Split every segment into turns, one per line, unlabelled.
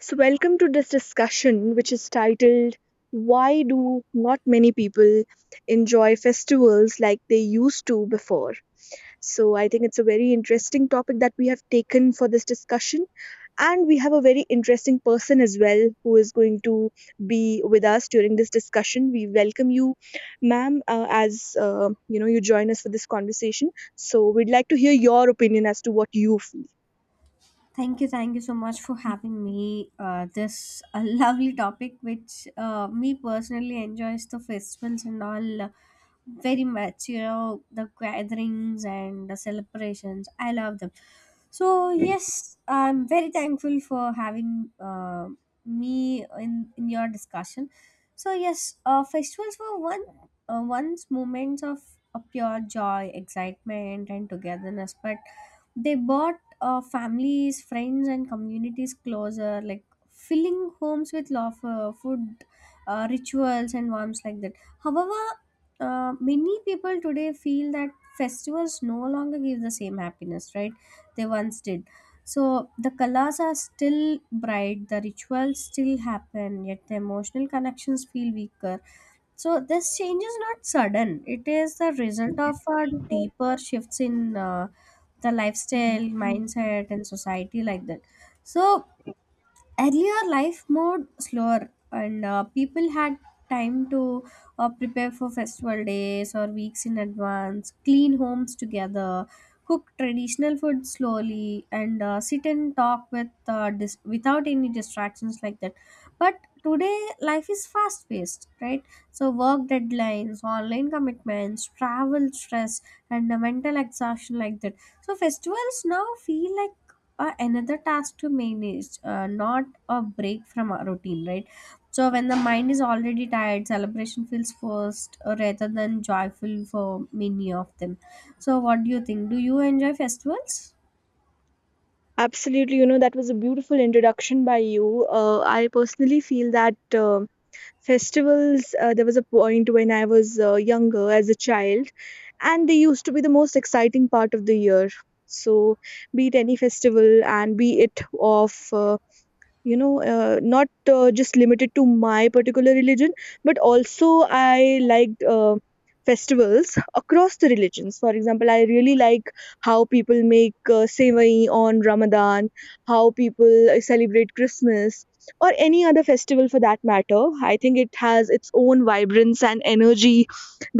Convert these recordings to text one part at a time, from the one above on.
So, welcome to this discussion, which is titled Why Do Not Many People Enjoy Festivals Like They Used to Before? So, I think it's a very interesting topic that we have taken for this discussion. And we have a very interesting person as well who is going to be with us during this discussion. We welcome you, ma'am, as you join us for this conversation. So we'd like to hear your opinion as to what you feel.
Thank you so much for having me. This a lovely topic, which me personally enjoys the festivals and all. Very much, you know, the gatherings and the celebrations, I love them. So yes, I'm very thankful for having me in your discussion. So yes, festivals were one once moments of a pure joy, excitement and togetherness, but they brought families, friends and communities closer, like filling homes with laughter, food, rituals and warmth, like that. However, many people today feel that festivals no longer give the same happiness, right? They once did. So the colors are still bright, the rituals still happen, yet the emotional connections feel weaker. So this change is not sudden. It is the result of a deeper shifts in the lifestyle, mindset, and society, like that. So earlier life more slower, and people had time to prepare for festival days or weeks in advance, clean homes together, cook traditional food slowly, and sit and talk with without any distractions, like that. But today life is fast paced, right? So work deadlines, online commitments, travel stress, and the mental exhaustion, like that. So festivals now feel like another task to manage, not a break from our routine, right? So when the mind is already tired, celebration feels forced, rather than joyful for many of them. So what do you think, do you enjoy festivals?
Absolutely, you know, that was a beautiful introduction by you. I personally feel that festivals, there was a point when I was younger as a child, and they used to be the most exciting part of the year. So, be it any festival and be it of not just limited to my particular religion, but also I liked festivals across the religions. For example, I really like how people make sevai on Ramadan, how people celebrate Christmas or any other festival for that matter. I think it has its own vibrance and energy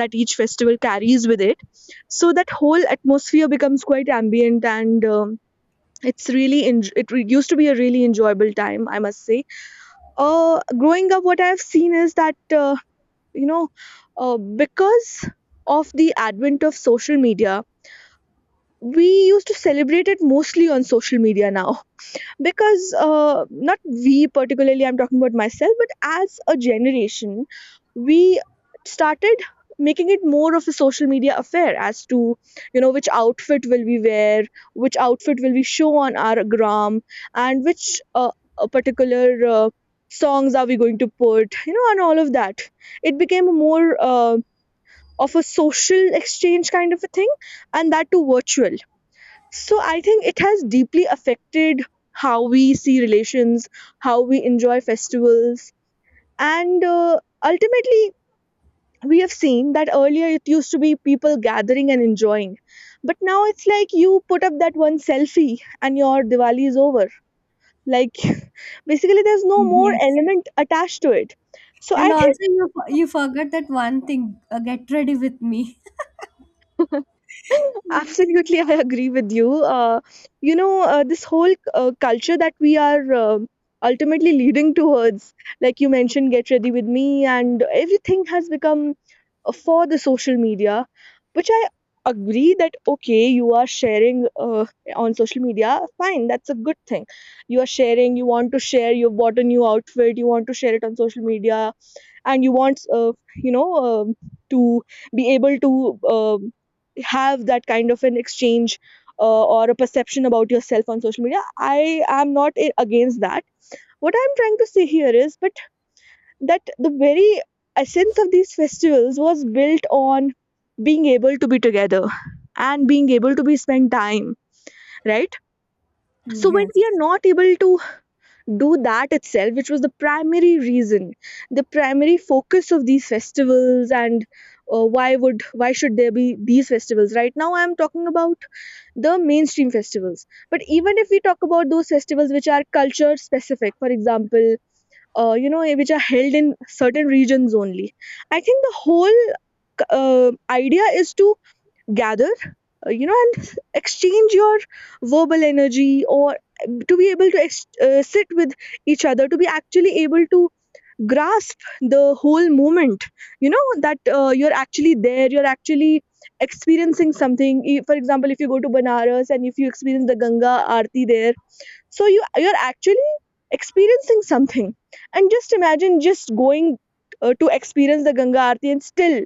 that each festival carries with it. So that whole atmosphere becomes quite ambient, and it's really en- it re- used to be a really enjoyable time, I must say. Growing up, what I've seen is that you know because of the advent of social media, we used to celebrate it mostly on social media now. Because not we particularly, I'm talking about myself, but as a generation, we started making it more of a social media affair, as to, you know, which outfit will we wear, which outfit will we show on our gram, and which particular songs are we going to put, you know, and all of that. It became more of a social exchange kind of a thing, and that too virtual. So I think it has deeply affected how we see relations, how we enjoy festivals, and ultimately, we have seen that earlier it used to be people gathering and enjoying, but now it's like you put up that one selfie and your Diwali is over. Like, basically, there's no more
Yes.
element attached to it. So
And
I—
also you forgot that one thing, get ready with me.
Absolutely, I agree with you. This whole culture that we are ultimately leading towards, like you mentioned, get ready with me, and everything has become for the social media, which I agree that, okay, you are sharing on social media, fine, that's a good thing. You are sharing, you want to share, you've bought a new outfit, you want to share it on social media, and you want you know to be able to have that kind of an exchange or a perception about yourself on social media. I am not against that. What I'm trying to say here is but that the very essence of these festivals was built on being able to be together and being able to be spend time, right? So when we are
Yes,
not able to do that itself, which was the primary reason, the primary focus of these festivals, and why should there be these festivals? Right now, I am talking about the mainstream festivals. But even if we talk about those festivals which are culture specific, for example, which are held in certain regions only, I think the whole idea is to gather, and exchange your verbal energy, or to be able to sit with each other, to be actually able to grasp the whole moment. You know, that you're actually there, you're actually experiencing something. For example, if you go to Banaras and if you experience the Ganga Aarti there, so you— you're actually experiencing something. And just imagine just going to experience the Ganga Aarti and still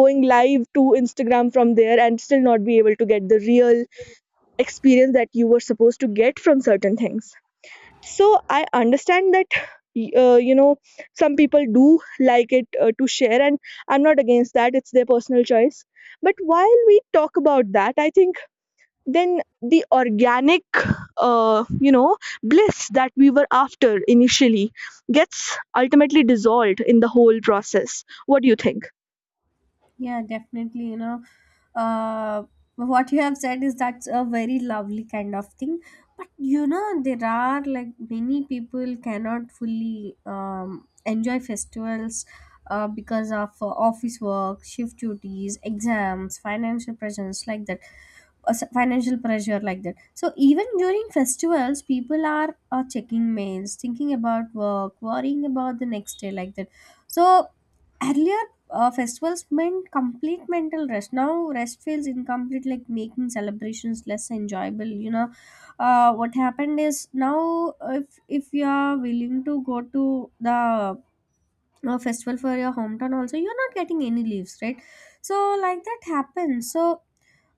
going live to Instagram from there and still not be able to get the real experience that you were supposed to get from certain things. So I understand that y- uh, you know some people do like it to share, and I'm not against that, it's their personal choice. But while we talk about that, I think then the organic uh, you know bliss that we were after initially gets ultimately dissolved in the whole process. What do you think?
yeah, definitely. You know, uh, what you have said is that's a very lovely kind of thing. But you know, there are like many people cannot fully enjoy festivals because of office work, shift duties, exams, financial pressures, like that, financial pressure, like that. So even during festivals, people are checking mails, thinking about work, worrying about the next day, like that. So earlier festivals meant complete mental rest. Now rest feels incomplete, like making celebrations less enjoyable. You know, what happened is now if you are willing to go to the festival for your hometown also, you're not getting any leaves, right? So like that happens. So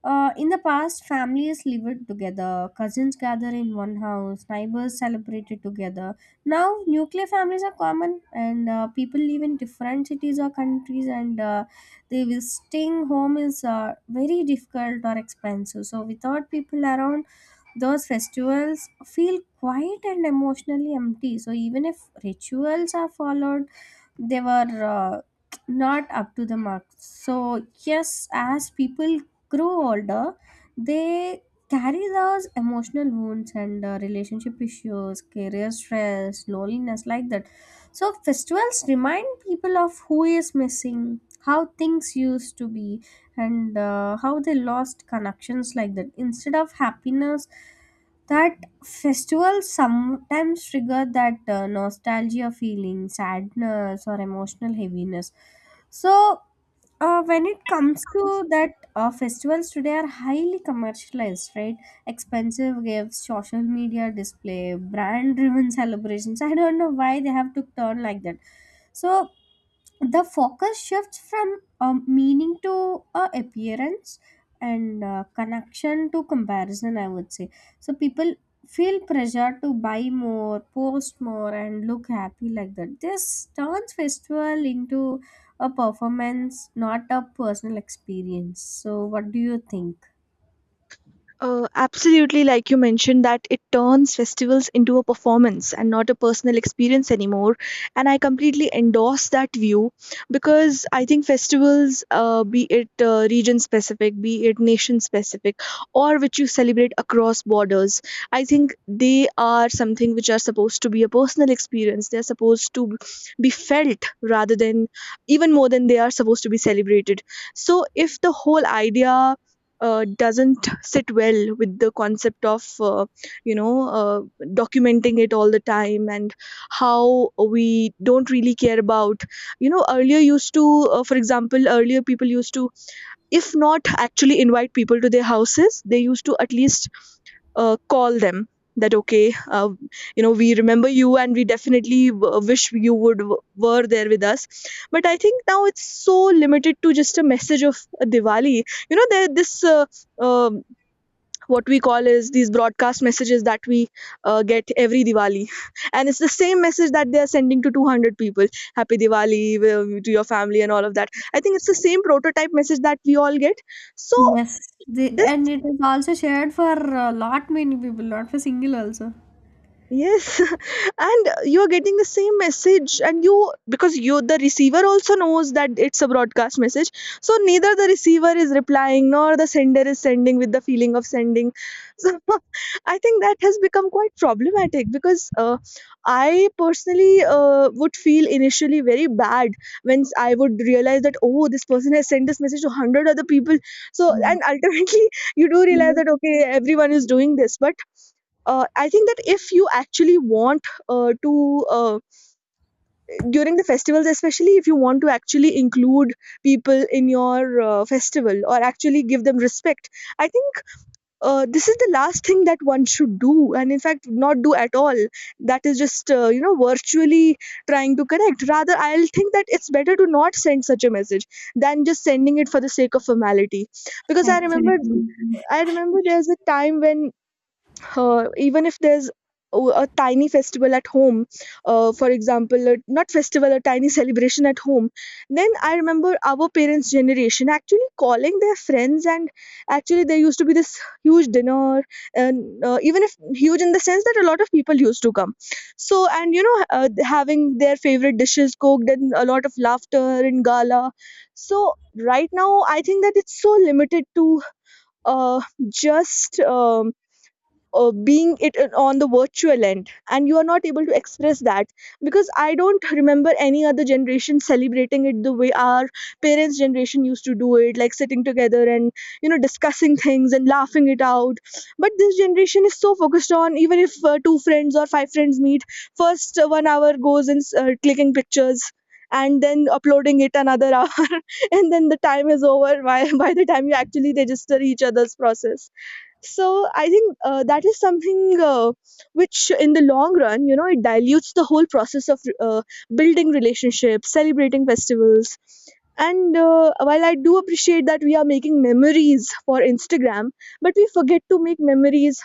in the past, families lived together, cousins gather in one house, neighbors celebrated together. Now, nuclear families are common, and people live in different cities or countries, and they visiting home is very difficult or expensive. So, without people around, those festivals feel quiet and emotionally empty. So even if rituals are followed, they were not up to the mark. So yes, as people grow older, they carry those emotional wounds, and relationship issues, career stress, loneliness, like that. So festivals remind people of who is missing, how things used to be, and how they lost connections, like that. Instead of happiness, that festivals sometimes trigger that nostalgia, feeling sadness or emotional heaviness. So when it comes to that, festivals today are highly commercialized, right? Expensive gifts, social media display, brand driven celebrations, I don't know why they have to turn like that. So the focus shifts from meaning to appearance, and connection to comparison, I would say. So people feel pressure to buy more, post more and look happy, like that. This turns festival into a performance, not a personal experience. So what do you think?
Absolutely, like you mentioned, that it turns festivals into a performance and not a personal experience anymore. And I completely endorse that view because I think festivals, be it region specific, be it nation specific, or which you celebrate across borders, I think they are something which are supposed to be a personal experience. They're supposed to be felt rather than, even more than they are supposed to be celebrated. So if the whole idea doesn't sit well with the concept of you know uh, documenting it all the time, and how we don't really care about, you know, earlier used to— for example, earlier people used to, if not actually invite people to their houses, they used to at least call them that, okay, we remember you and we definitely wish you would were there with us. But I think now it's so limited to just a message of a Diwali, you know. There this, um what we call is, these broadcast messages that we get every Diwali, and it's the same message that they are sending to 200 people. Happy Diwali to your family and all of that. I think it's the same prototype message that we all get. So
Yes, the,
this—
and it is also shared for a lot many people, not for single also.
Yes, and you're getting the same message, and you, because you, the receiver, also knows that it's a broadcast message, so neither the receiver is replying nor the sender is sending with the feeling of sending. So I think that has become quite problematic because I personally would feel initially very bad when I would realize that, oh, this person has sent this message to 100 other people. So
Yeah.
and ultimately, you do realize that, okay, everyone is doing this, but I think that if you actually want to during the festivals, especially if you want to actually include people in your festival or actually give them respect, I think this is the last thing that one should do. And in fact, not do at all. That is just, virtually trying to correct. Rather, I'll think that it's better to not send such a message than just sending it for the sake of formality. Because I remember—
Exactly.
I remember there's a time when even if there's a tiny festival at home, for example, not festival, a tiny celebration at home, then I remember our parents' generation actually calling their friends, and actually there used to be this huge dinner, and even if huge in the sense that a lot of people used to come, so. And you know, having their favorite dishes cooked and a lot of laughter and gala. So right now, I think that it's so limited to uh, just being it on the virtual end, and you are not able to express that, because I don't remember any other generation celebrating it the way our parents' generation used to do it, like sitting together and, you know, discussing things and laughing it out. But this generation is so focused on, even if two friends or five friends meet, first 1 hour goes in clicking pictures, and then uploading it another hour, and then the time is over by— by the time you actually register each other's process. So I think that is something which in the long run, you know, it dilutes the whole process of building relationships, celebrating festivals. And while I do appreciate that we are making memories for Instagram, but we forget to make memories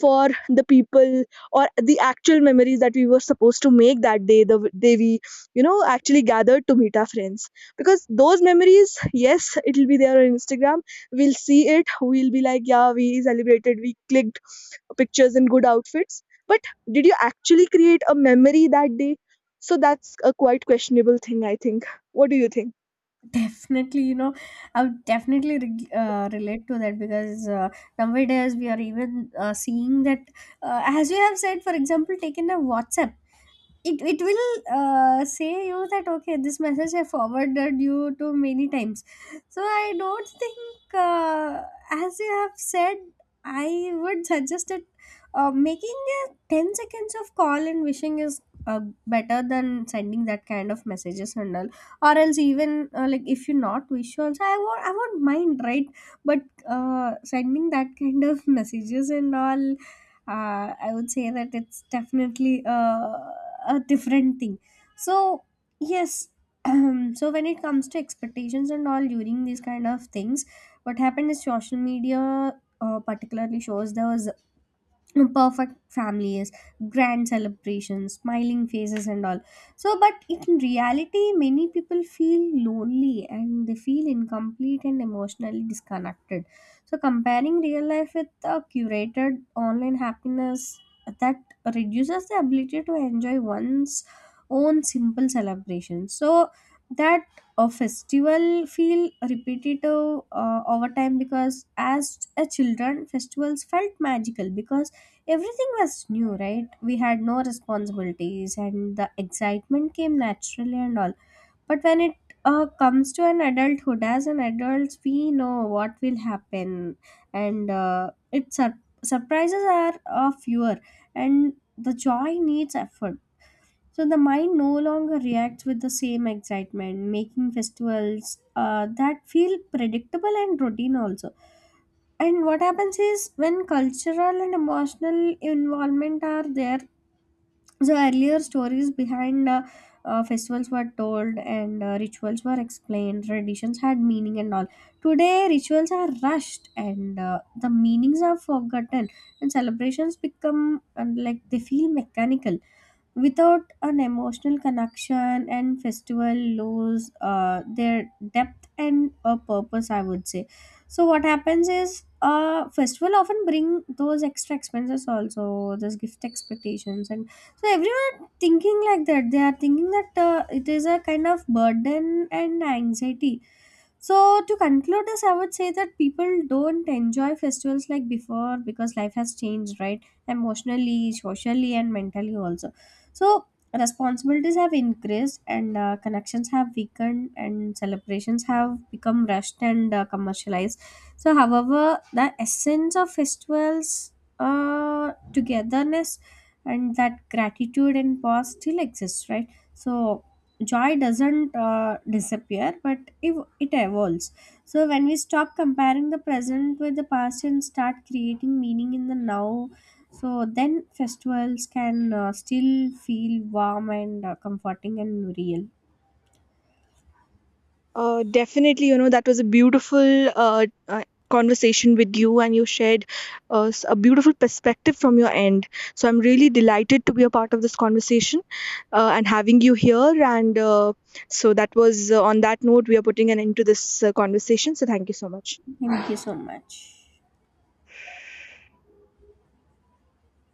for the people, or the actual memories that we were supposed to make that day, the day we, you know, actually gathered to meet our friends. Because those memories, yes, it'll be there on Instagram, we'll see it, we'll be like, yeah, we celebrated, we clicked pictures in good outfits, but did you actually create a memory that day? So that's a quite questionable thing, I think. What do you think?
Definitely, you know, I would definitely relate to that, because nowadays we are even seeing that, as you have said, for example, taken a WhatsApp, it will say you that okay, this message I forwarded you to many times. So I don't think as you have said, I would suggest that making a 10 seconds of call and wishing is uh, better than sending that kind of messages and all. Or else even like if you not wish also, I won't I won't mind, right? But sending that kind of messages and all, I would say that it's definitely a different thing. So yes, so when it comes to expectations and all during these kind of things, what happened is social media particularly shows there was a perfect family, is grand celebrations, smiling faces and all. So but in reality, many people feel lonely and they feel incomplete and emotionally disconnected. So comparing real life with a curated online happiness, that reduces the ability to enjoy one's own simple celebration. So that a festival feel repetitive over time, because as a children, festivals felt magical because everything was new, right? We had no responsibilities and the excitement came naturally and all. But when it comes to an adulthood, as an adult, we know what will happen, and it surprises are fewer and the joy needs effort. So the mind no longer reacts with the same excitement, making festivals that feel predictable and routine also. And what happens is when cultural and emotional involvement are there, so earlier stories behind festivals were told, and rituals were explained, traditions had meaning and all. Today rituals are rushed, and the meanings are forgotten, and celebrations become and like they feel mechanical without an emotional connection, and festival lose their depth and a purpose, I would say. So what happens is festival often bring those extra expenses also, those gift expectations, and so everyone thinking like that, they are thinking that it is a kind of burden and anxiety. So, to conclude this, I would say that people don't enjoy festivals like before, because life has changed, right? Emotionally, socially, and mentally also. So, responsibilities have increased, and connections have weakened, and celebrations have become rushed and commercialized. So, however, the essence of festivals, togetherness, and that gratitude and pause still exists, right? So, joy doesn't disappear, but it evolves. So when we stop comparing the present with the past and start creating meaning in the now, so then festivals can still feel warm and comforting and real.
Definitely, you know, that was a beautiful uh, uh, conversation with you, and you shared a beautiful perspective from your end. So I'm really delighted to be a part of this conversation, and having you here. And so that was, on that note, we are putting an end to this conversation. So thank you so much.
Thank you so much.